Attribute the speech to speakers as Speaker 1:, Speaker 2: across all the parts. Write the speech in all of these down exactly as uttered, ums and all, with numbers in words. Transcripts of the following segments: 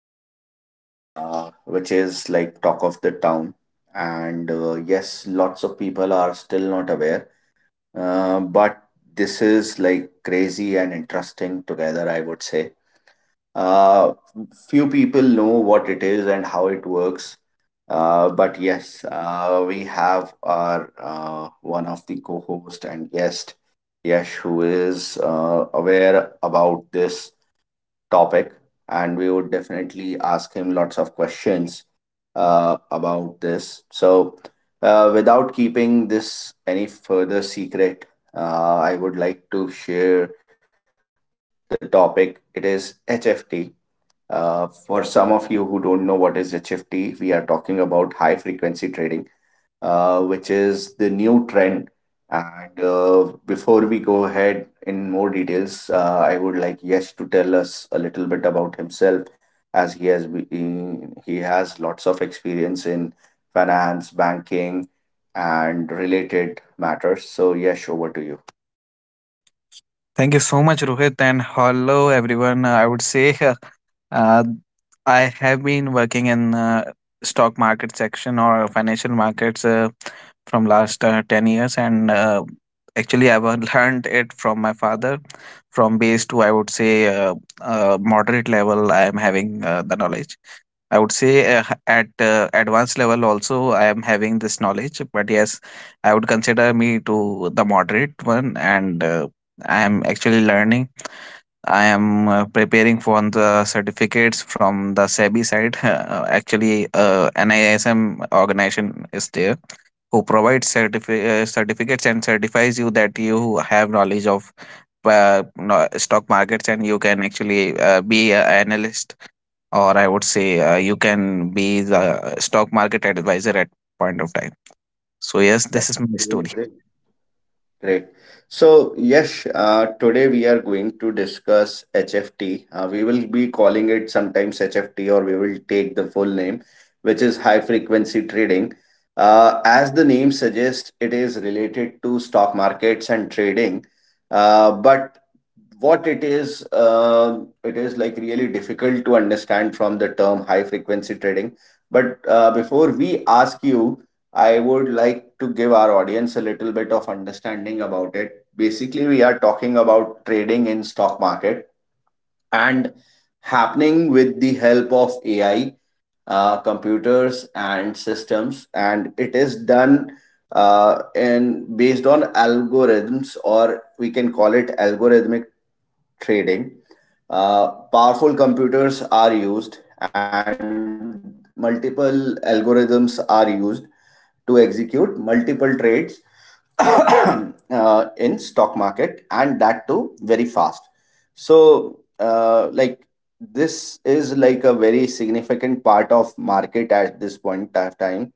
Speaker 1: Topic, uh, which is like talk of the town. And uh, yes, lots of people are still not aware, uh, but this is like crazy and interesting together, I would say. Uh, few people know what it is and how it works. Uh, but yes, uh, we have our uh, one of the co-host and guest, Yash, who is uh, aware about this topic, and we would definitely ask him lots of questions uh, about this. So, uh, without keeping this any further secret, uh, I would like to share the topic. It is H F T. uh, for some of you who don't know what is H F T, we are talking about high frequency trading, uh, which is the new trend. And uh, before we go ahead in more details, uh, I would like Yash to tell us a little bit about himself, as he has been, he has lots of experience in finance, banking, and related matters. So Yash, over to you.
Speaker 2: Thank you so much, Rohit, and hello everyone. Uh, I would say uh, I have been working in uh, stock market section or financial markets uh, from last uh, ten years, and uh, actually I've uh, learned it from my father. From base to I would say uh, uh, moderate level, I am having uh, the knowledge. I would say uh, h- at uh, advanced level also I am having this knowledge, but yes, I would consider me to the moderate one, and uh, I am actually learning. I am uh, preparing for the certificates from the SEBI side. Uh, actually, uh, N I S M organization is there who provides certifi- uh, certificates and certifies you that you have knowledge of uh, no- stock markets and you can actually uh, be an analyst or I would say uh, you can be the stock market advisor at point of time. So yes,
Speaker 1: That's
Speaker 2: this is my
Speaker 1: really
Speaker 2: story.
Speaker 1: great. Great. So, Yash, uh, today we are going to discuss H F T. Uh, we will be calling it sometimes H F T, or we will take the full name, which is high frequency trading. Uh, as the name suggests, it is related to stock markets and trading. Uh, but what it is, uh, it is like really difficult to understand from the term high frequency trading. But uh, before we ask you, I would like to give our audience a little bit of understanding about it. Basically, we are talking about trading in stock market and happening with the help of A I, uh, computers and systems, and it is done uh, in based on algorithms, or we can call it algorithmic trading. Uh, powerful computers are used and multiple algorithms are used to execute multiple trades. Uh, in stock market, and that too very fast, so uh, like this is like a very significant part of market at this point of time,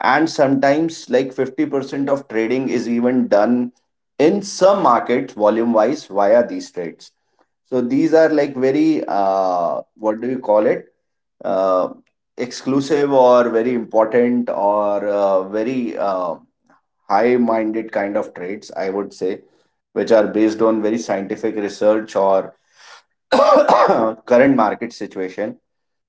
Speaker 1: and sometimes like fifty percent of trading is even done in some markets volume wise via these trades. So these are like very, uh, what do you call it? Uh, exclusive or very important, or uh, very uh, high-minded kind of traits, I would say, which are based on very scientific research or current market situation.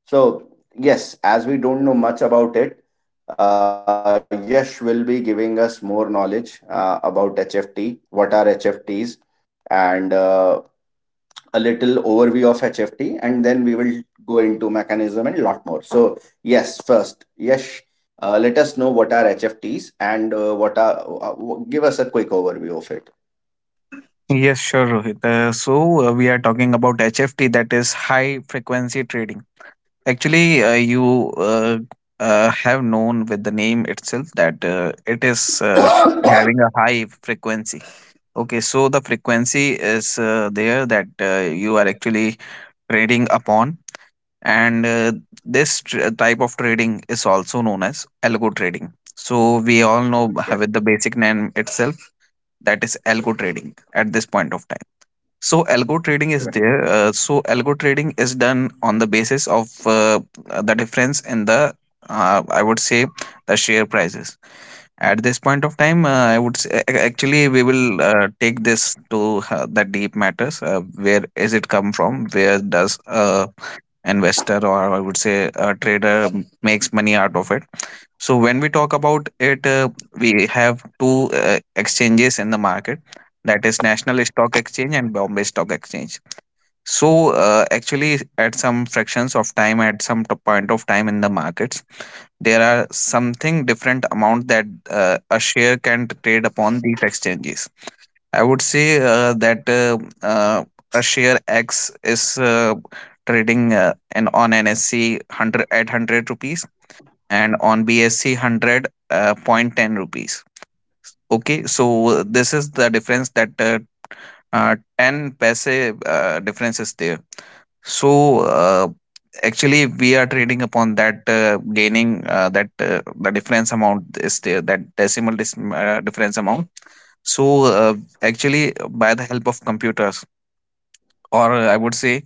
Speaker 1: So yes, as we don't know much about it, uh, Yash will be giving us more knowledge uh, about H F T, what are H F Ts, and uh, a little overview of H F T, and then we will go into mechanism and lot more. So, yes, first, yes, uh, let us know what are H F Ts, and uh, what are, uh, w- give us a quick overview of it.
Speaker 2: Yes, sure, Rohit. Uh, so uh, we are talking about H F T, that is high frequency trading. Actually, uh, you uh, uh, have known with the name itself that uh, it is uh, having a high frequency. Okay, so the frequency is uh, there, that uh, you are actually trading upon. And uh, this tr- uh, type of trading is also known as algo trading, so we all know b- with the basic name itself that is algo trading at this point of time. So algo trading
Speaker 1: Right.
Speaker 2: is there, uh, so algo trading is done on the basis of uh, the difference in the, uh, I would say, the share prices at this point of time. uh, I would say, ac- actually we will uh, take this to uh, the deep matters. Uh, where is it come from? Where does uh, investor or I would say a trader m- makes money out of it. So when we talk about it, uh, we have two uh, exchanges in the market, that is, National Stock Exchange and Bombay Stock Exchange. So uh, actually, at some fractions of time, at some t- point of time in the markets, there are something different amount that uh, a share can trade upon these exchanges. I would say uh, that, uh, uh, a share X is uh, trading uh, in, on N S E one hundred at one hundred rupees and on B S E one hundred uh, point 0.10 rupees. Okay, so uh, this is the difference, that uh, uh, ten paise uh, difference is there. So, uh, actually, we are trading upon that, uh, gaining, uh, that, uh, the difference amount is the, that decimal dis- uh, difference amount. So, uh, actually, by the help of computers, or I would say,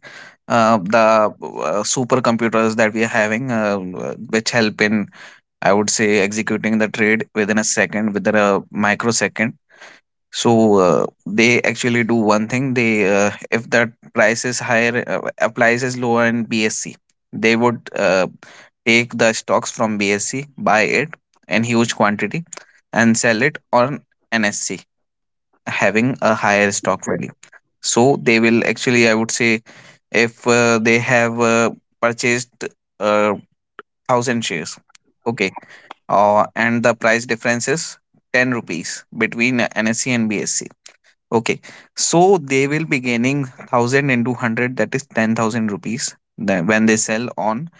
Speaker 2: uh, the uh, supercomputers that we are having, uh, which help in, I would say, executing the trade within a second, within a microsecond. So uh, they actually do one thing. They, uh, if that price is higher, uh, uh, price is lower in BSC, they would uh, take the stocks from BSC, buy it in huge quantity, and sell it on NSC having a higher stock value. So they will actually, I would say, if uh, they have uh, purchased uh, one thousand shares, okay, uh, and the price difference is ten rupees between NSC and BSC. Okay, so they will be gaining one thousand into one hundred, that is ten thousand rupees tha- when they sell on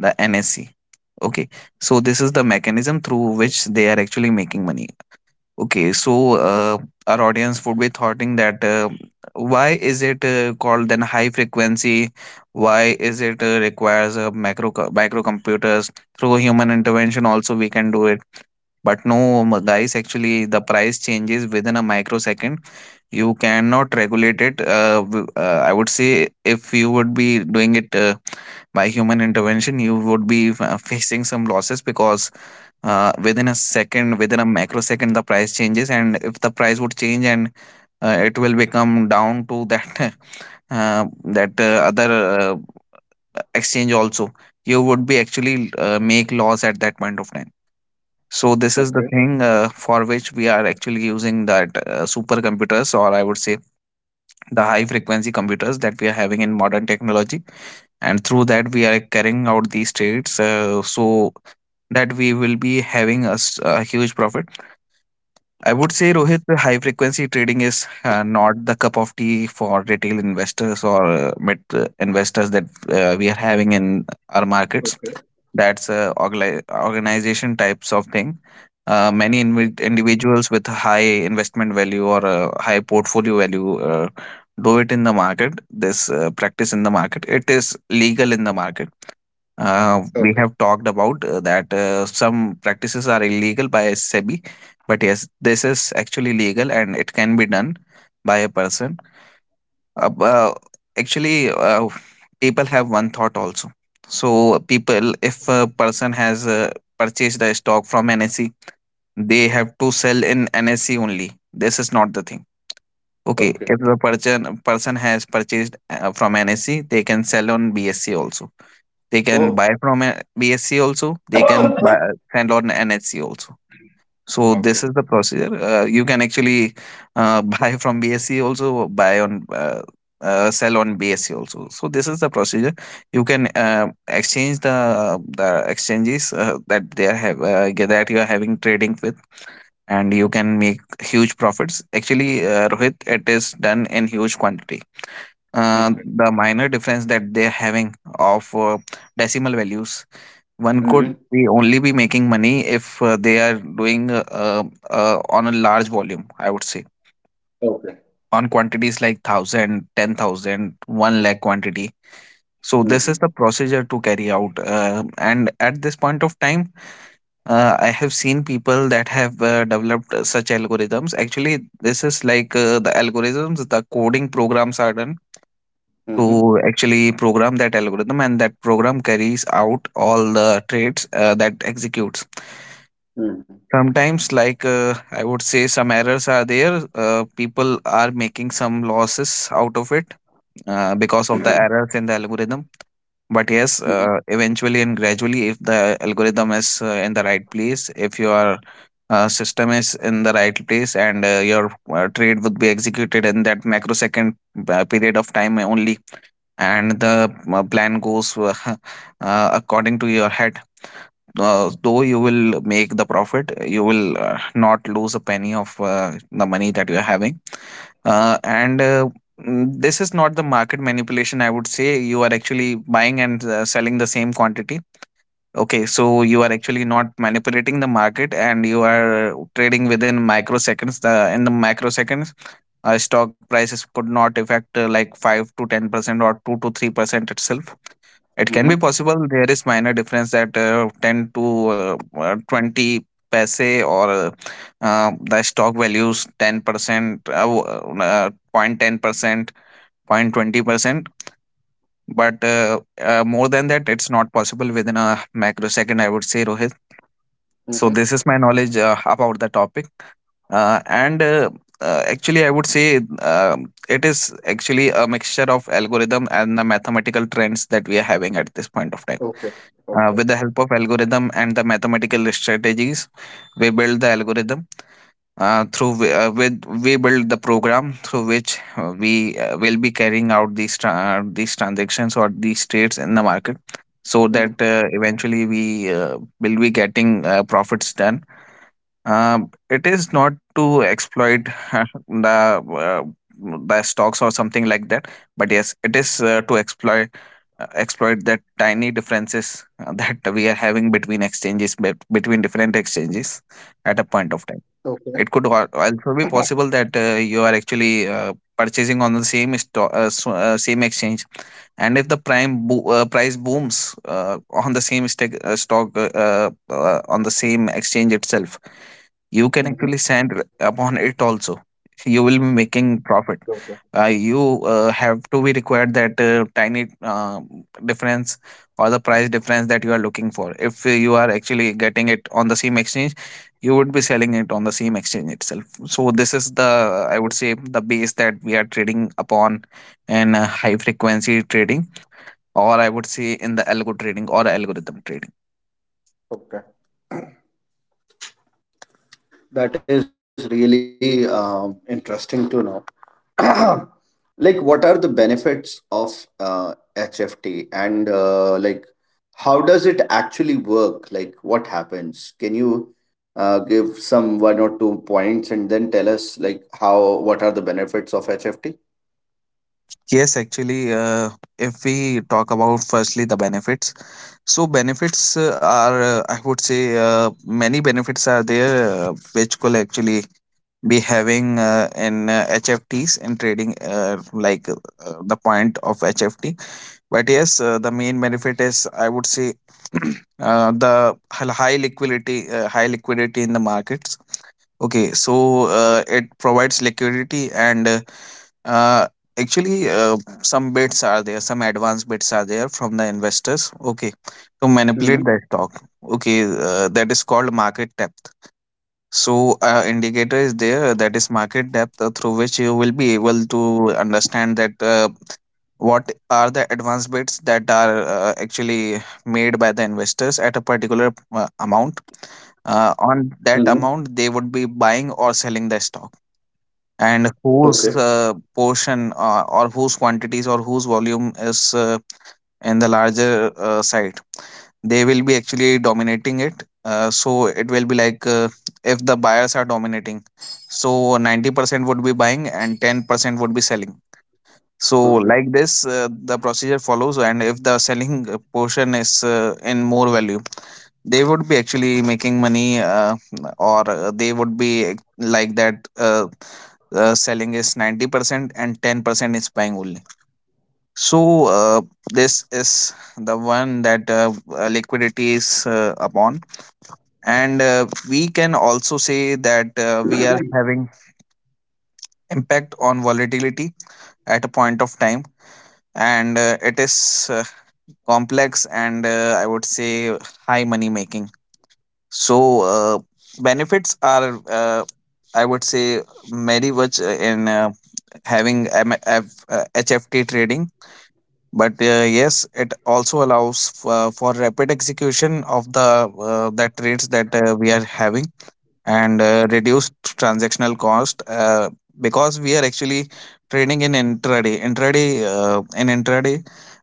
Speaker 2: the N S E. Okay, so this is the mechanism through which they are actually making money. Okay, so uh, our audience would be thinking that uh, why is it uh, called then high frequency? Why is it uh, requires a macro co- microcomputers through human intervention? Also, we can do it, but no, m- guys, actually, the price changes within a microsecond. You cannot regulate it. Uh, w- uh, I would say if you would be doing it uh, by human intervention, you would be uh, facing some losses, because uh, within a second, within a microsecond, the price changes, and if the price would change, and uh, it will become down to that uh, that uh, other uh, exchange also, you would be actually uh, make loss at that point of time. So this is the
Speaker 1: Okay.
Speaker 2: thing uh, for which we are actually using that uh, supercomputers, or I would say the high frequency computers that we are having in modern technology, and through that we are carrying out these trades. Uh, so that we will be having a, s- a huge profit. I would say, Rohit, the high frequency trading is uh, not the cup of tea for retail investors or uh, mid uh, investors that uh, we are having in our markets.
Speaker 1: Okay.
Speaker 2: That's a organi- organization types of thing. Uh, many invi- individuals with high investment value or a high portfolio value uh, do it in the market. This uh, practice in the market. It is legal in the market. Uh,
Speaker 1: Okay.
Speaker 2: we have talked about uh, that uh, some practices are illegal by SEBI, but yes, this is actually legal and it can be done by a person. Uh, well, actually, uh, people have one thought also. So people, if a person has uh, purchased a stock from N S E, they have to sell in N S E only. This is not the thing. Okay, if the
Speaker 1: Okay.
Speaker 2: person person has purchased uh, from N S E, they can sell on B S E also. They can buy from uh,
Speaker 1: Oh.
Speaker 2: B S E also. They can buy, uh, sell on N S E also. So this is the
Speaker 1: Okay.
Speaker 2: procedure. Uh, you can actually uh, buy from B S C also, buy on uh, uh, sell on B S C also. So this is the procedure. You can uh, exchange the the exchanges uh, that they are have uh, get- that you are having trading with, and you can make huge profits. Actually, uh, Rohit, it is done in huge quantity. Uh, the
Speaker 1: Okay.
Speaker 2: minor difference that they are having of uh, decimal values, one could be
Speaker 1: Mm-hmm.
Speaker 2: only be making money if uh, they are doing uh, uh, uh, on a large volume, I would say,
Speaker 1: Okay.
Speaker 2: on quantities like one thousand, ten thousand, one lakh quantity. So this is the
Speaker 1: Mm-hmm.
Speaker 2: procedure to carry out, uh, and at this point of time uh, I have seen people that have uh, developed uh, such algorithms. Actually, this is like, uh, the algorithms, the coding programs are done to
Speaker 1: Mm-hmm.
Speaker 2: actually program that algorithm, and that program carries out all the traits uh, that executes.
Speaker 1: Mm-hmm.
Speaker 2: Sometimes, like, uh, I would say, some errors are there, uh, people are making some losses out of it, uh, because of the errors in the algorithm. But yes, uh,
Speaker 1: Mm-hmm.
Speaker 2: eventually and gradually, if the algorithm is uh, in the right place, if you are, uh, system is in the right place, and uh, your uh, trade would be executed in that microsecond uh, period of time only, and the uh, plan goes uh, uh, according to your head, uh, though you will make the profit, you will uh, not lose a penny of uh, the money that you are having. Uh, and uh, mm, this is not the market manipulation, I would say. You are actually buying and uh, selling the same quantity. Okay, so you are actually not manipulating the market, and you are trading within microseconds. The in the microseconds, uh, stock prices could not affect uh, like five to ten percent or two to three percent itself. It can be
Speaker 1: Mm-hmm.
Speaker 2: possible. There is minor difference that uh, ten to uh, uh, twenty paise or uh, uh, the stock values ten percent, uh, w- uh, zero point 0.10 percent, zero point 0.20 percent. But uh, uh, more than that, it's not possible within a microsecond, I would say, Rohit. So this
Speaker 1: Mm-hmm.
Speaker 2: is my knowledge uh, about the topic, uh, and uh, uh, actually, I would say, um it is actually a mixture of algorithm and the mathematical trends that we are having at this point of time.
Speaker 1: Okay.
Speaker 2: Uh, with the help
Speaker 1: Okay.
Speaker 2: of algorithm and the mathematical strategies, we build the algorithm, uh, through whi- uh, with we build the program through which uh, we uh, will be carrying out these tra- these transactions or these trades in the market, so that uh,
Speaker 1: Mm.
Speaker 2: eventually we uh, will be getting uh, profits done. Uh, it is not to exploit the, uh, the stocks or something like that, but yes, it is uh, to exploit, uh, exploit that tiny differences uh, that we are having between exchanges, bet- between different exchanges at a point of time.
Speaker 1: Okay.
Speaker 2: It could al- also be possible that uh, you are actually uh, purchasing on the same sto- uh, s- uh, same exchange, and if the prime bo- uh, price booms uh, on the same stec- uh, stock uh, uh, uh, on the same exchange itself, you can
Speaker 1: Mm-hmm.
Speaker 2: actually send upon it also. You will be making profit.
Speaker 1: Okay.
Speaker 2: Uh, you uh, have to be required that uh, tiny uh, difference or the price difference that you are looking for. If you are actually getting it on the same exchange, you would be selling it on the same exchange itself. So this is the, i would say, the base that we are trading upon in uh, high frequency trading, or i would say in the algo trading or algorithm trading.
Speaker 1: Okay. That is really, um interesting to know. Like, what are the benefits of uh, HFT, and uh, like, how does it actually work? Like, what happens? Can you uh, give some one or two points, and then tell us, like, how, what are the benefits of HFT?
Speaker 2: Yes, actually uh, if we talk about firstly the benefits. So benefits uh, are, uh, I would say, uh, many benefits are there uh, which could actually be having uh, in uh, H F Ts in trading, uh, like uh, the point of H F T. But yes, uh, the main benefit is, I would say, uh, the hel- high liquidity, uh, high liquidity in the markets. Okay, so uh, it provides liquidity and uh, uh, actually, uh, some bids are there, some advanced bids are there from the investors. Okay, to manipulate that
Speaker 1: Mm-hmm.
Speaker 2: stock. Okay, uh, that is called market depth. So, uh, indicator is there uh, that is market depth uh, through which you will be able to understand that uh, what are the advanced bids that are uh, actually made by the investors at a particular uh, amount. Uh, on
Speaker 1: Mm-hmm.
Speaker 2: that amount, they would be buying or selling the stock, and
Speaker 1: Okay.
Speaker 2: whose uh, portion uh, or whose quantities or whose volume is uh, in the larger uh, site. They will be actually dominating it, uh, so it will be like, uh, if the buyers are dominating, so ninety percent would be buying and ten percent would be selling. So like
Speaker 1: Okay.
Speaker 2: this, uh, the procedure follows, and if the selling uh, portion is uh, in more value, they would be actually making money, uh, or uh, they would be uh, like that. Uh, uh, selling is ninety percent and ten percent is buying only. So uh, this is the one that uh, uh, liquidity is uh, upon, and uh, we can also say that uh, we are having impact on volatility at a point of time, and uh, it is uh, complex and, uh, i would say, high money making. So uh, benefits are, uh, i would say, very much uh, in uh, having M- F- uh, HFT trading. But uh, yes, it also allows for, for rapid execution of the uh, the trades that uh, we are having, and uh, reduced transactional cost, uh, because we are actually trading in intraday intraday uh, in intraday.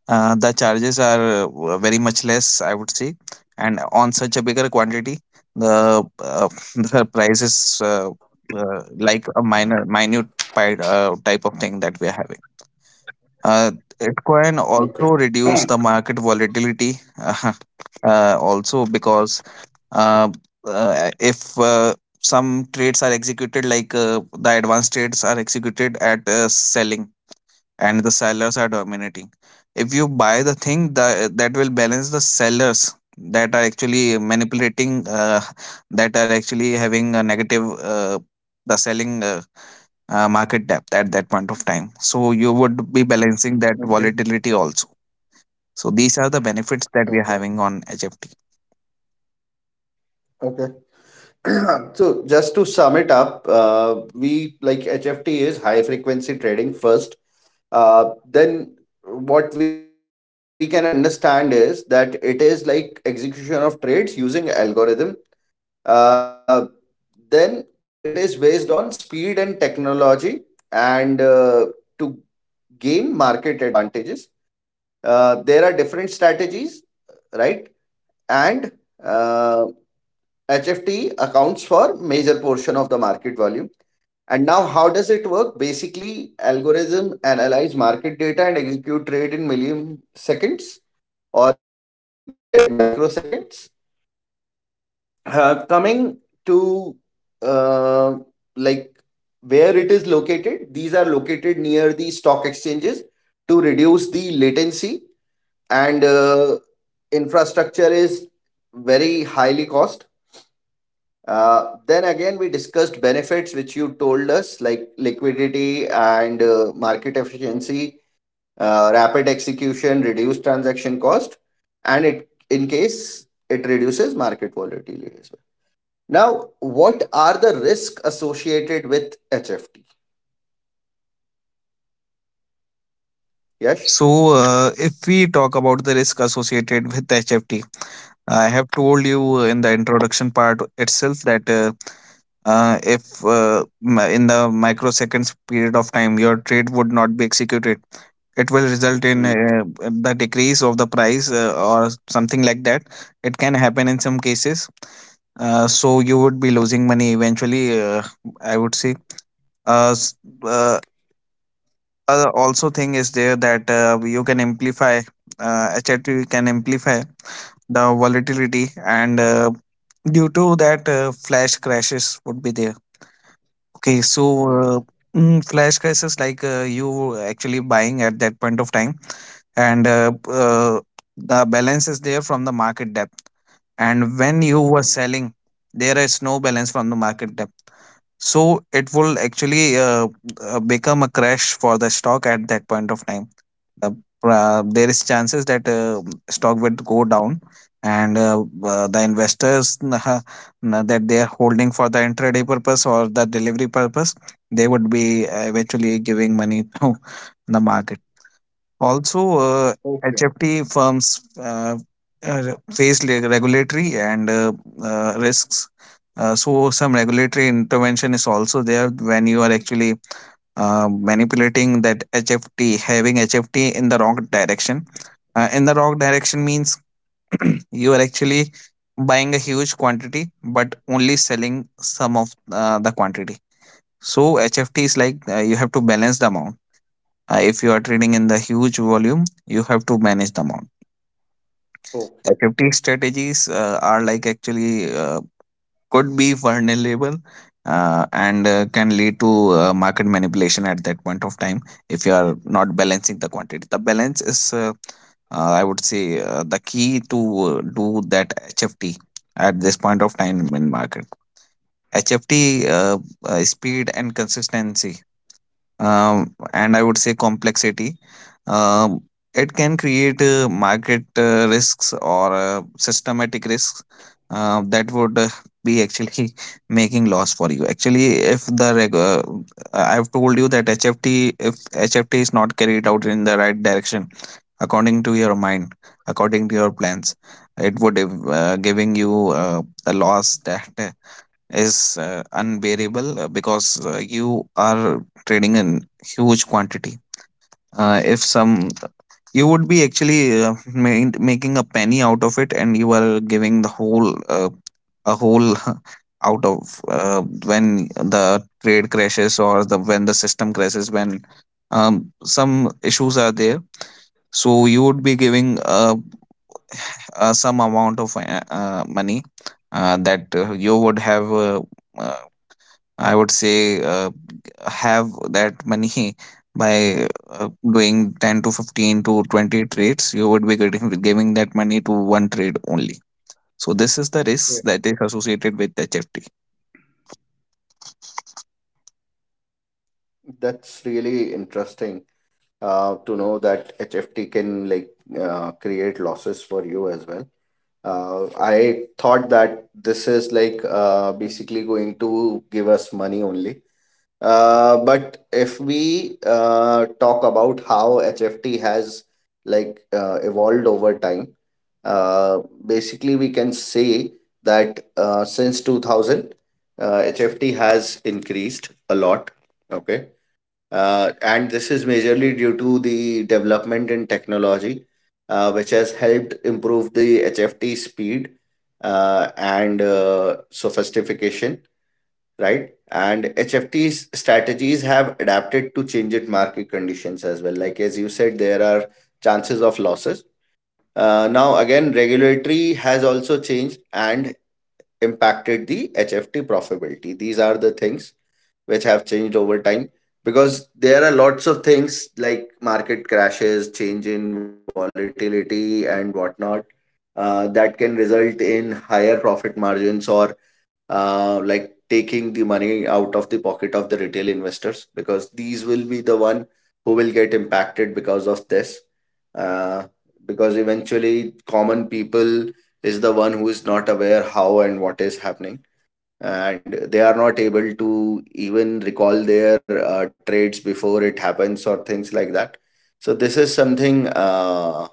Speaker 2: uh, The charges are uh, very much less, I would say, and on such a bigger quantity, the uh, the price is uh, uh, like a minor minute pi- uh, type of thing that we are having. uh, Bitcoin
Speaker 1: Okay.
Speaker 2: also reduce the market volatility, uh, also because uh, uh, if uh, some trades are executed like, uh, the advanced trades are executed at uh, selling and the sellers are dominating. If you buy the thing, the that will balance the sellers that are actually manipulating, uh, that are actually having a negative, uh, the selling. Uh, uh, market depth at that point of time. So you would be balancing that
Speaker 1: Okay.
Speaker 2: volatility also. So these are the benefits that we
Speaker 1: Okay.
Speaker 2: are having on H F T.
Speaker 1: Okay. So, just to sum it up, uh, we like HFT is high frequency trading first. Uh, then what we can understand is that it is like execution of trades using algorithm. Uh, then it is based on speed and technology, and uh, to gain market advantages, uh, there are different strategies, right? And uh, HFT accounts for major portion of the market volume. And now, how does it work? Basically, algorithm analyze market data and execute trade in milliseconds, or you said microseconds. Uh, coming to, uh, like, where it is located, these are located near the stock exchanges to reduce the latency, and uh, infrastructure is very highly cost. Uh, then again, we discussed benefits which you told us, like liquidity and uh, market efficiency, uh, rapid execution, reduced transaction cost, and it in case it reduces market volatility as well. Now, what are the risks associated with H F T? Yes.
Speaker 2: So, uh, if we talk about the risk associated with H F T, I have told you in the introduction part itself that uh, uh, if uh, mi- in the microseconds period of time your trade would not be executed, it will result in uh,
Speaker 1: Hmm.
Speaker 2: the decrease of the price uh, or something like that. It can happen in some cases. Uh, so you would be losing money eventually, Uh, I would say. Uh, s- uh, uh, Also thing is there that uh, you can amplify uh, H F T can amplify the volatility, and uh, due to that, uh, flash crashes would be there. Okay, so uh,
Speaker 1: Mhm.
Speaker 2: mm, flash crashes, like, uh, you actually buying at that point of time, and uh, uh, the balance is there from the market depth, and when you were selling
Speaker 1: Mhm.
Speaker 2: there is no balance from the market depth, so it will actually uh, uh, become a crash for the stock at that point of time. the, uh, there is chances that uh, stock would go down, and uh, uh, the investors uh, that they are holding for the intraday purpose or the delivery purpose, they would be uh, eventually giving money to the market. Also, uh, HFT firms uh, uh, face le- regulatory and uh, uh, risks. Uh, so some regulatory intervention is also there when you are actually uh, manipulating that H F T, having H F T in the wrong direction. Uh, in the wrong direction means you are actually buying a huge quantity but only selling some of uh, the quantity. So H F T is like, uh, you have to balance the amount. Uh, if you are trading in the huge volume, you have to manage the amount.
Speaker 1: Okay.
Speaker 2: H F T strategies uh, are like actually uh, could be vulnerable uh, and uh, can lead to uh, market manipulation at that point of time if you are not balancing the quantity. The balance is, uh, uh, I would say, uh, the key to uh, do that H F T at this point of time in market. H F T uh, uh, speed and consistency, um, and I would say complexity. Um, it can create uh, market uh, risks or uh, systematic risks uh, that would uh, be actually making loss for you. Actually, if the reg- uh, I've told you that H F T, if H F T is not carried out in the right direction, according to your mind, according to your plans, it would uh, giving you uh, a loss that uh, is uh, unbearable, uh, because uh, you are trading in huge quantity. Uh, if some, you would be actually uh, ma- making a penny out of it, and you are giving the whole, uh, a whole, out of uh, when the trade crashes or the when the system crashes, when um, some issues are there. So you would be giving uh, uh, some amount of uh, uh, money uh, that uh, you would have. Uh, uh, I would say uh, Have that money by uh, doing ten to fifteen to twenty trades, you would be getting giving that money to one trade only. So this is the
Speaker 1: Yeah.
Speaker 2: risk that is associated with H F T.
Speaker 1: That's really interesting uh, to know that H F T can, like, uh, create losses for you as well. Uh, I thought that this is like, uh, basically going to give us money only. Uh, but if we uh, talk about how H F T has like, uh, evolved over time, uh, basically we can say that uh, since two thousand, uh, H F T has increased a lot. Okay, uh, and this is majorly due to the development in technology, uh, which has helped improve the H F T speed, uh, and uh, sophistication, right? And H F T's strategies have adapted to changed market conditions as well. Like as you said, there are chances of losses. Uh, now again, regulatory has also changed and impacted the H F T profitability. These are the things which have changed over time, because there are lots of things like market crashes, change in volatility, and whatnot, uh, that can result in higher profit margins, or uh, like taking the money out of the pocket of the retail investors, because these will be the one who will get impacted because of this. Uh, because eventually, common people is the one who is not aware how and what is happening, and they are not able to even recall their uh, trades before it happens, or things like that. So this is something, uh,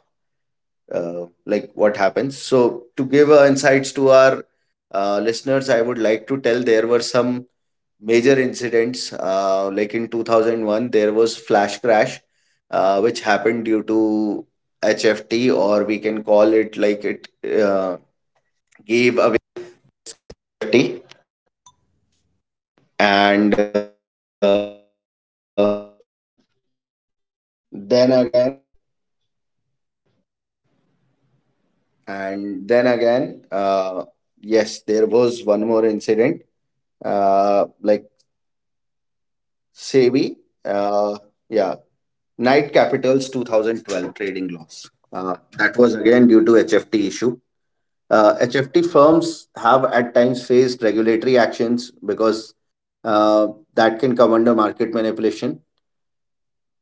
Speaker 1: uh, like what happens. So to give uh, insights to our uh, listeners, I would like to tell there were some major incidents, uh, like in two thousand one there was flash crash, uh, which happened due to HFT, or we can call it, like, it uh, gave. Then again, uh, yes, there was one more incident. Uh, like SEBI, uh, yeah, Knight Capital's two thousand twelve trading loss. Uh, that was again due to H F T issue. Uh, H F T firms have at times faced regulatory actions because uh, that can come under market manipulation.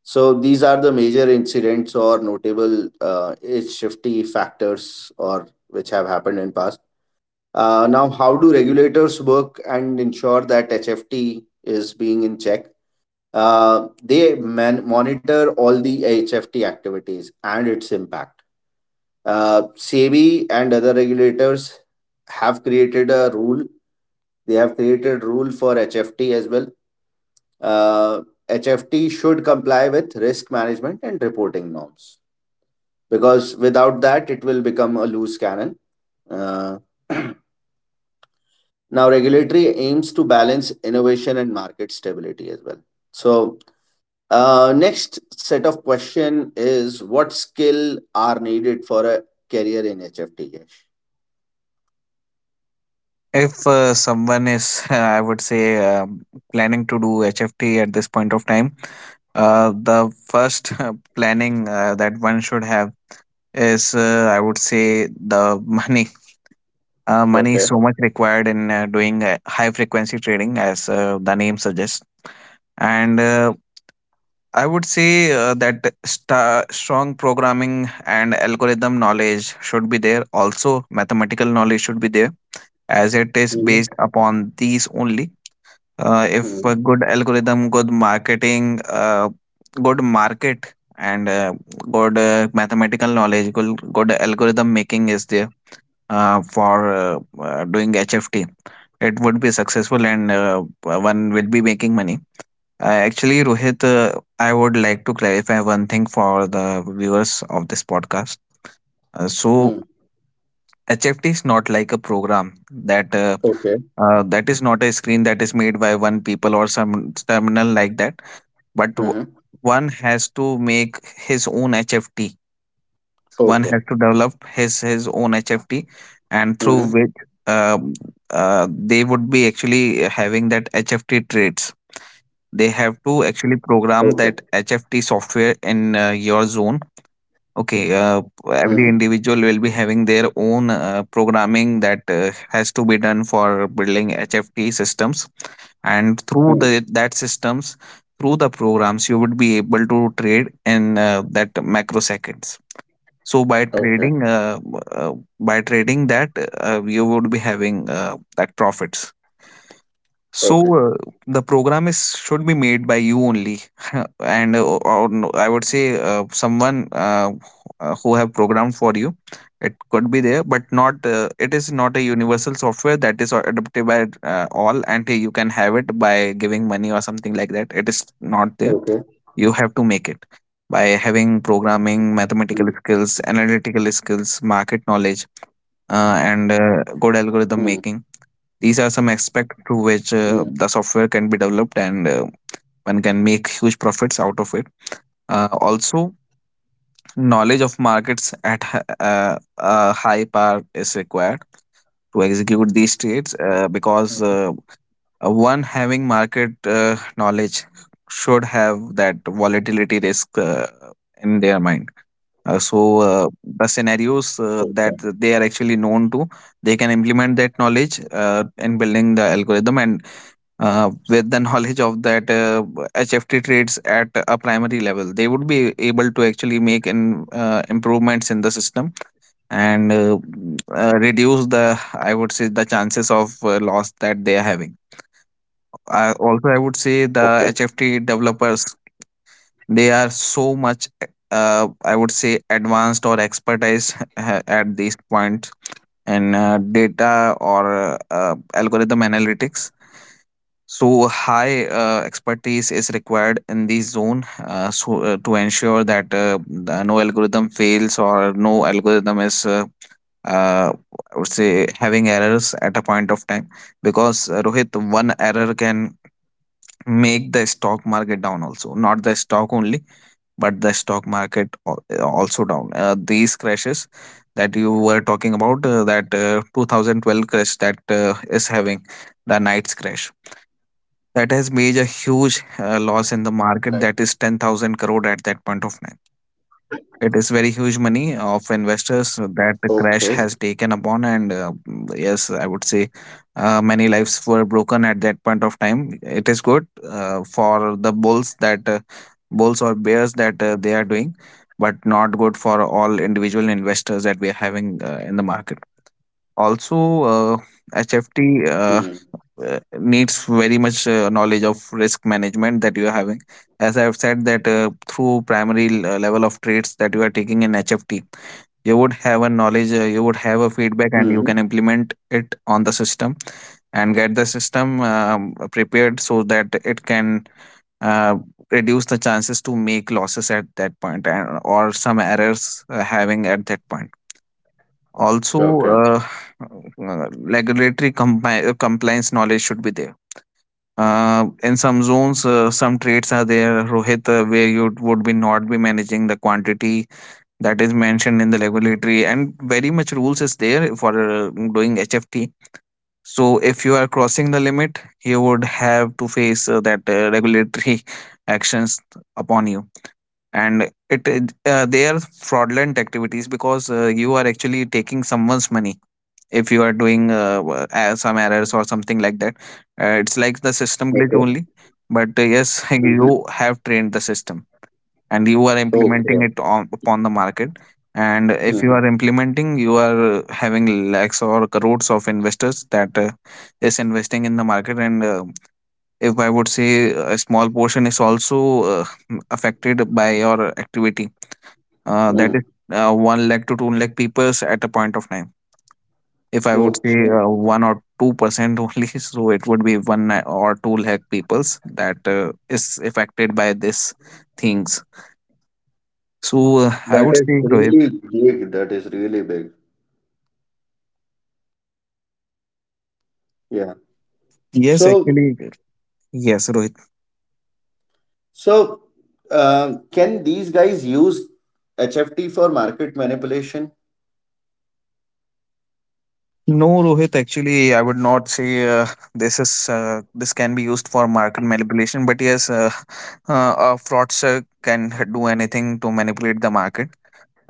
Speaker 1: So these are the major incidents or notable, uh, H F T factors or which have happened in past. Uh, now, how do regulators work and ensure that H F T is being in check? Uh, they man- monitor all the H F T activities and its impact. Uh, SEBI and other regulators have created a rule. They have created rule for H F T as well. Uh, H F T should comply with risk management and reporting norms because without that, it will become a loose cannon. Uh, Now, regulatory aims to balance innovation and market stability as well. So, uh, next set of question is what skill are needed for a career in H F T? Yash?
Speaker 2: If uh, someone is, I would say, uh, planning to do H F T at this point of time, uh, the first planning uh, that one should have is, uh, I would say, the money. Uh, money is
Speaker 1: Okay.
Speaker 2: so much required in uh, doing uh, high frequency trading, as uh, the name suggests, and uh, i would say uh, that sta strong programming and algorithm knowledge should be there. Also, mathematical knowledge should be there, as it is
Speaker 1: Hmm.
Speaker 2: based upon these only. Uh, if
Speaker 1: Hmm.
Speaker 2: a good algorithm, good marketing, uh, good market, and uh, good uh, mathematical knowledge, good, good algorithm making is there uh, for uh, uh, doing H F T, it would be successful and uh, one will be making money. Uh, actually, Rohit, uh, I would like to clarify one thing for the viewers of this podcast. Uh, so,
Speaker 1: Hmm.
Speaker 2: H F T is not like a program that uh,
Speaker 1: Okay.
Speaker 2: uh, that is not a screen that is made by one people or some terminal like that. But w-
Speaker 1: Hmm.
Speaker 2: one has to make his own H F T. One
Speaker 1: Okay.
Speaker 2: has to develop his his own H F T, and through
Speaker 1: Hmm.
Speaker 2: which um, uh, they would be actually having that H F T trades. They have
Speaker 1: Okay.
Speaker 2: to actually program that H F T software in uh, your zone. Okay,
Speaker 1: Hmm.
Speaker 2: uh, every individual will be having their own uh, programming that uh, has to be done for building H F T systems, and
Speaker 1: Hmm.
Speaker 2: through the that systems, through the programs, you would be able to trade in uh, that microseconds. So by
Speaker 1: Okay.
Speaker 2: trading, uh, uh, by trading that, uh, you would be having uh, that profits. So
Speaker 1: Okay.
Speaker 2: uh, the program is should be made by you only, and uh, or no, I would say uh, someone uh, uh, who have programmed for you. It could be there, but not. Uh, it is not a universal software that is adopted by uh, all, and you can have it by giving money or something like that. It is not there.
Speaker 1: Okay.
Speaker 2: You have to make it by having
Speaker 1: Hmm.
Speaker 2: programming mathematical skills, analytical skills, market knowledge uh,
Speaker 1: Hmm.
Speaker 2: and uh, good algorithm making. These are some
Speaker 1: Hmm.
Speaker 2: aspects through which uh, the software can be developed, and uh, one can make huge profits out of it, uh, also. Knowledge of markets at h- uh, a high par is required to execute
Speaker 1: Hmm.
Speaker 2: these trades, uh, because uh, one having market uh, knowledge should have that volatility risk uh, in their mind. Uh, so uh,
Speaker 1: Okay.
Speaker 2: the scenarios uh, that they are actually known to, they can implement that knowledge uh, in building the algorithm, and uh, with the knowledge of that, uh, H F T traits at a primary level, they would be able to actually make in, uh, improvements in the system, and uh, uh, reduce the, I would say, the chances of uh, loss that they are having.
Speaker 1: Okay.
Speaker 2: I, also, I would say the H F T developers, they are so much uh, I would say advanced or expertise at this point in uh, data or uh, algorithm analytics. So high uh, expertise is required in this zone, uh, so, uh, to ensure that uh, the- no algorithm fails or no algorithm is uh, uh, I would say, having errors at a point of time, because uh, Rohit, one error can make the stock market down also, not the stock only, but the stock market al- also down. Uh, these crashes that you were talking about, uh, that uh, twenty twelve crash, that uh, is having the night's crash, that has
Speaker 1: Right.
Speaker 2: made a huge uh, loss in the market, that is ten thousand crore at that point of time. It is very
Speaker 1: Okay.
Speaker 2: huge money of investors that the crash has taken upon, and uh, yes, I would say uh, many lives were broken at that point of time. It is good uh, for the bulls, that uh, bulls or bears that uh, they are doing, but not good for all individual investors that we are having uh, in the market.
Speaker 1: Hmm.
Speaker 2: Also, uh, H F T Uh, uh, needs very much uh, knowledge of risk management that you are having. As I have said, that uh, through primary l- uh, level of trades that you are taking in HFT, you would have a
Speaker 1: Hmm.
Speaker 2: knowledge, uh, you would have a feedback and you can implement it on the system, and get the system um, prepared so that it can uh, reduce the chances to make losses at that point, and, or some errors uh, having at that point
Speaker 1: Okay.
Speaker 2: also. uh, uh, Regulatory compi- compliance knowledge should be there. Uh, in some zones, uh, some trades are there, Rohit, uh, where you would be not be managing the quantity that is mentioned in the regulatory, and very much rules is there for uh, doing H F T. So if you are crossing the limit, you would have to face uh, that uh, regulatory actions upon you, and it it, uh, they are fraudulent activities because uh, you are actually taking someone's money. If you are doing uh, w- uh, some errors or something like that, uh, it's
Speaker 1: Hmm.
Speaker 2: like the
Speaker 1: Okay.
Speaker 2: system glitch only. But uh, yes,
Speaker 1: Hmm.
Speaker 2: you have trained the system and you are
Speaker 1: Okay.
Speaker 2: implementing it on upon the market, and if
Speaker 1: Hmm.
Speaker 2: you are implementing, you are uh, having lakhs or crores of investors that uh, is investing in the market, and uh, if I would say a small portion is also uh, affected by your activity, uh,
Speaker 1: Hmm.
Speaker 2: that is uh, one lakh to two lakh people at a point of time. If I would say
Speaker 1: Okay,
Speaker 2: uh, one or two percent only, so it would be one na- or two lakh peoples that uh, is affected by these things. So uh, I
Speaker 1: that
Speaker 2: would
Speaker 1: is
Speaker 2: say, Rohit.
Speaker 1: really big. That is really big. Yeah.
Speaker 2: Yes,
Speaker 1: So,
Speaker 2: actually, yes, Rohit.
Speaker 1: so uh, can these guys use H F T for market manipulation?
Speaker 2: No, Rohit. Actually, I would not say uh, this is uh, this can be used for market manipulation, but yes, uh, uh, a fraudster can do anything to manipulate the market.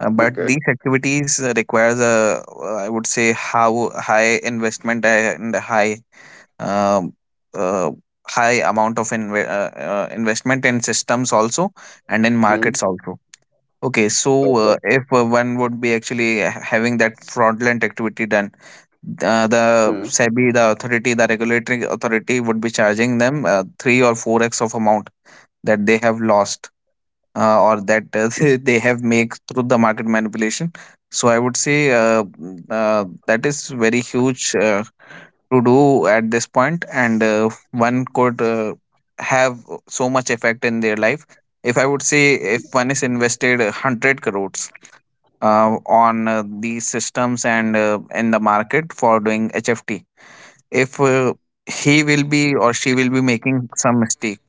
Speaker 2: Uh, but
Speaker 1: Okay.
Speaker 2: these activities uh, requires a, uh, I would say, how high investment and high um, uh, high amount of inve- uh, uh, investment in systems also and in markets
Speaker 1: Hmm.
Speaker 2: also. Okay, so uh,
Speaker 1: Okay.
Speaker 2: if uh, one would be actually ha- having that fraudulent activity done, uh, the SEBI, the authority, the regulatory authority would be charging them uh, three or four x of amount that they have lost, uh, or that uh, they they have make through the market manipulation. So I would say uh, mm, uh, that is very huge uh, to do at this point, and uh, one could uh, have so much effect in their life. If I would say if one is invested one hundred crores uh, on uh, these systems and uh, in the market for doing H F T, if uh, he will be or she will be making some mistake,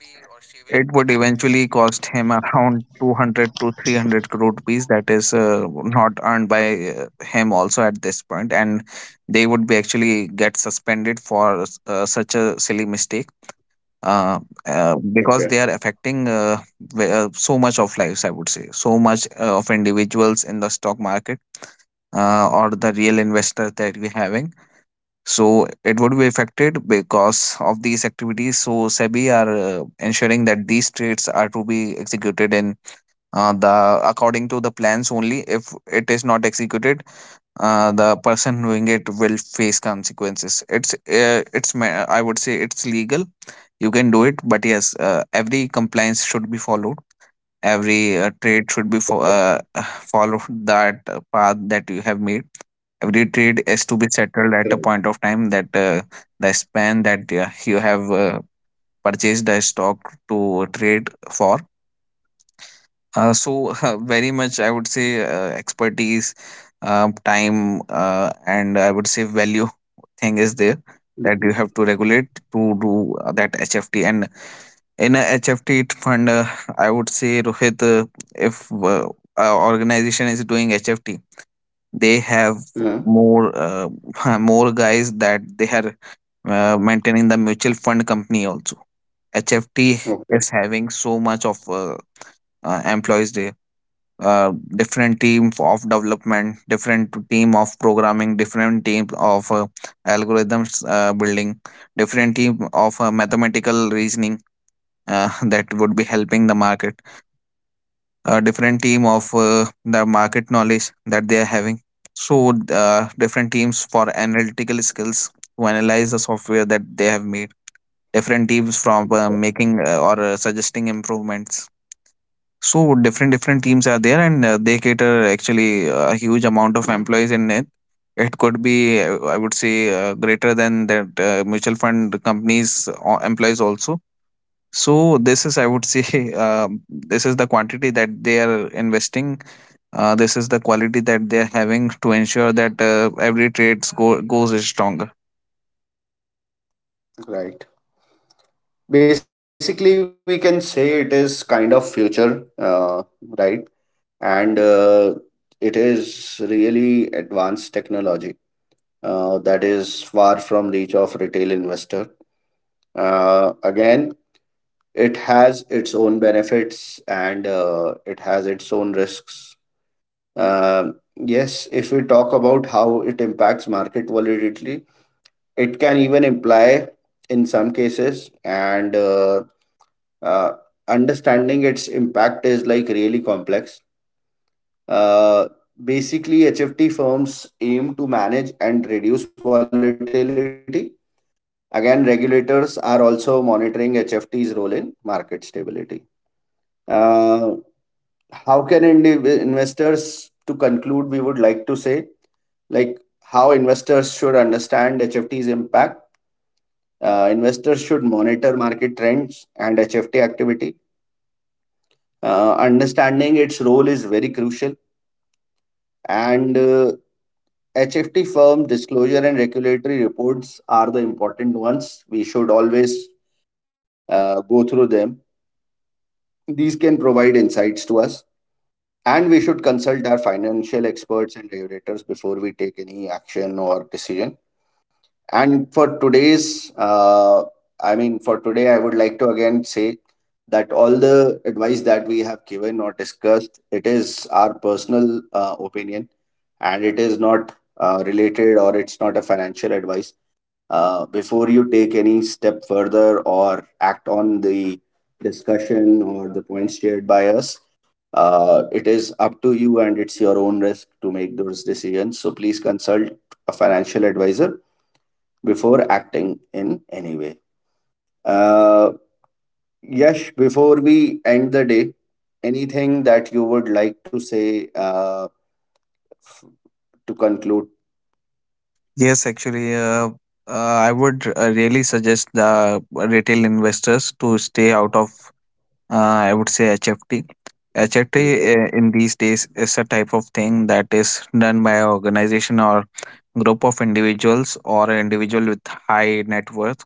Speaker 2: it would eventually cost him around two hundred to three hundred crore rupees, that is uh, not earned by uh, him also at this point, and they would be actually get suspended for uh, such a silly mistake. Uh,
Speaker 1: Okay.
Speaker 2: uh, because they are affecting uh, ve- uh, so much of lives, I would say, so much uh, of individuals in the stock market, uh, or the real investors that we having, so it would be affected because of these activities. So SEBI are uh, ensuring that these trades are to be executed in uh, the according to the plans only. If it is not executed, uh, the person doing it will face consequences. It's uh, it's ma- I would say it's legal. You can do it, but yes, uh, every compliance should be followed. Every uh, trade should be fo- uh, followed, that uh, path that you have made, every trade is to be
Speaker 1: Right.
Speaker 2: settled at a point of time, that uh, the span that uh, you have uh, purchased the stock to trade for. Uh, so very much I would say uh, expertise, uh, time uh, and I would say value thing is there that
Speaker 1: Mhm.
Speaker 2: you have to regulate to do uh, that HFT. And in a HFT fund, uh, I would say, Rohit, uh, if uh, a organization is doing HFT, they have
Speaker 1: Mhm.
Speaker 2: more uh, more guys that they are uh, maintaining the mutual fund company also. HFT
Speaker 1: Okay.
Speaker 2: is having so much of uh, uh, employees there, uh, different team of development, different team of programming, different team of uh, algorithms uh, building, different team of uh, mathematical reasoning, uh, that would be helping the market, a different team of uh, the market knowledge that they are having. So, uh, different teams for analytical skills to analyze the software that they have made. Different teams from uh, making uh, or uh, suggesting improvements. So, different different teams are there, and uh, they cater actually uh, a huge amount of employees in it. It could be, uh, I would say, uh, greater than that uh, mutual fund companies uh, employees also. So this is, I would say, um, this is the quantity that they are investing, uh, this is the quality that they are having to ensure that uh, every trade go- goes strong.
Speaker 1: Right. Basically, we can say it is kind of future, uh, right? And uh, it is really advanced technology uh, that is far from reach of retail investor. Uh, again, it has its own benefits and uh, it has its own risks. Um yes, if we talk about how it impacts market volatility, it can even imply, in some cases, and uh, uh, understanding its impact is like really complex. Uh, basically, H F T firms aim to manage and reduce volatility. Again, regulators are also monitoring H F T's role in market stability. Uh, how can indiv- investors, to conclude, we would like to say, like how investors should understand H F T's impact. Uh, investors should monitor market trends and H F T activity. Uh, understanding its role is very crucial, and uh, H F T firm disclosure and regulatory reports are the important ones. We should always uh, go through them. These can provide insights to us, and we should consult our financial experts and regulators before we take any action or decision. And for today's, uh, I mean, for today, I would like to again say that all the advice that we have given or discussed, it is our personal uh, opinion, and it is not uh, related, or it's not a financial advice. Uh, before you take any step further or act on the discussion or the points shared by us, uh, it is up to you and it's your own risk to make those decisions. So please consult a financial advisor before acting in any way. Uh, Yash, before we end the day, anything that you would like to say uh, f- to conclude?
Speaker 2: Yes, actually, uh, uh, I would uh, really suggest the retail investors to stay out of, uh, I would say, H F T. H F T
Speaker 1: Okay.
Speaker 2: uh, in these days is a type of thing that is done by an organization or group of individuals or an individual with high net worth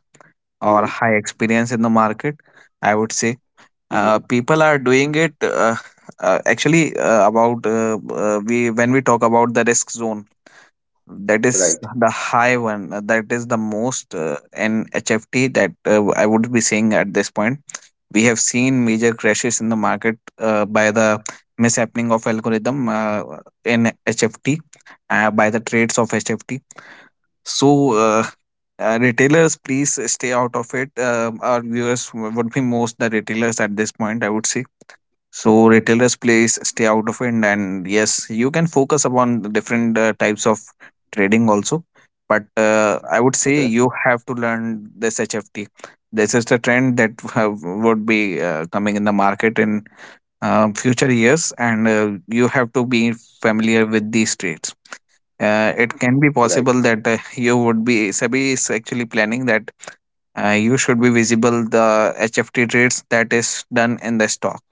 Speaker 2: or high experience in the market, I would say.
Speaker 1: Mm-hmm.
Speaker 2: Uh, people are doing it uh, uh, actually uh, about uh, uh, we when we talk about the risk zone, that
Speaker 1: Right.
Speaker 2: is the high one, uh, that is the most uh, in H F T, that uh, I would be saying at this point. We have seen major crashes in the market uh, by the mishappening of algorithm uh, in HFT, uh, by the trades of HFT. So uh, uh, retailers, please stay out of it. Uh, our viewers would be most the retailers at this point, I would say. So retailers, please stay out of it, and yes, you can focus upon the different uh, types of trading also. But uh,
Speaker 1: Okay.
Speaker 2: I would say you have to learn this H F T. This is the trend that uh, would be uh, coming in the market in uh, future years, and uh, you have to be familiar with these trades. Uh, it
Speaker 1: Right.
Speaker 2: can be possible that uh, you would be SEBI is actually planning that uh, you should be visible the H F T trades that is done in the stock,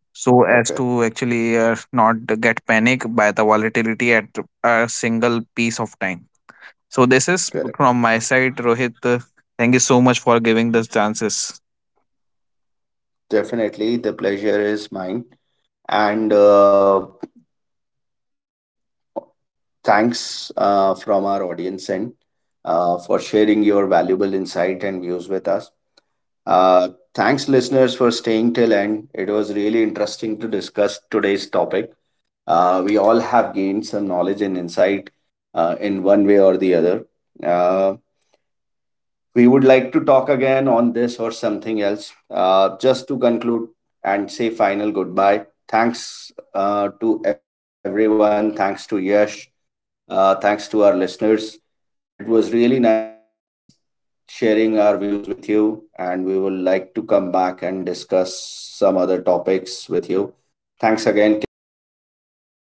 Speaker 1: Okay.
Speaker 2: so as to actually uh, not get panicked by the volatility at a single piece of time. So this is
Speaker 1: Correct.
Speaker 2: from my side, Rohit. Uh, Thank you so much for giving this chances.
Speaker 1: Definitely, the pleasure is mine. And uh, thanks uh, from our audience and uh, for sharing your valuable insight and views with us. Uh, Thanks, listeners, for staying till end. It was really interesting to discuss today's topic. Uh, we have gained some knowledge and insight uh, in one way or the other. Uh, we would like to talk again on this or something else. Uh, just to conclude and say final goodbye. Thanks uh, to everyone. Thanks to Yash. Uh, thanks to our listeners. It was really nice sharing our views with you, and we would like to come back and discuss some other topics with you. Thanks again. Take care. Bye.
Speaker 2: Thank you.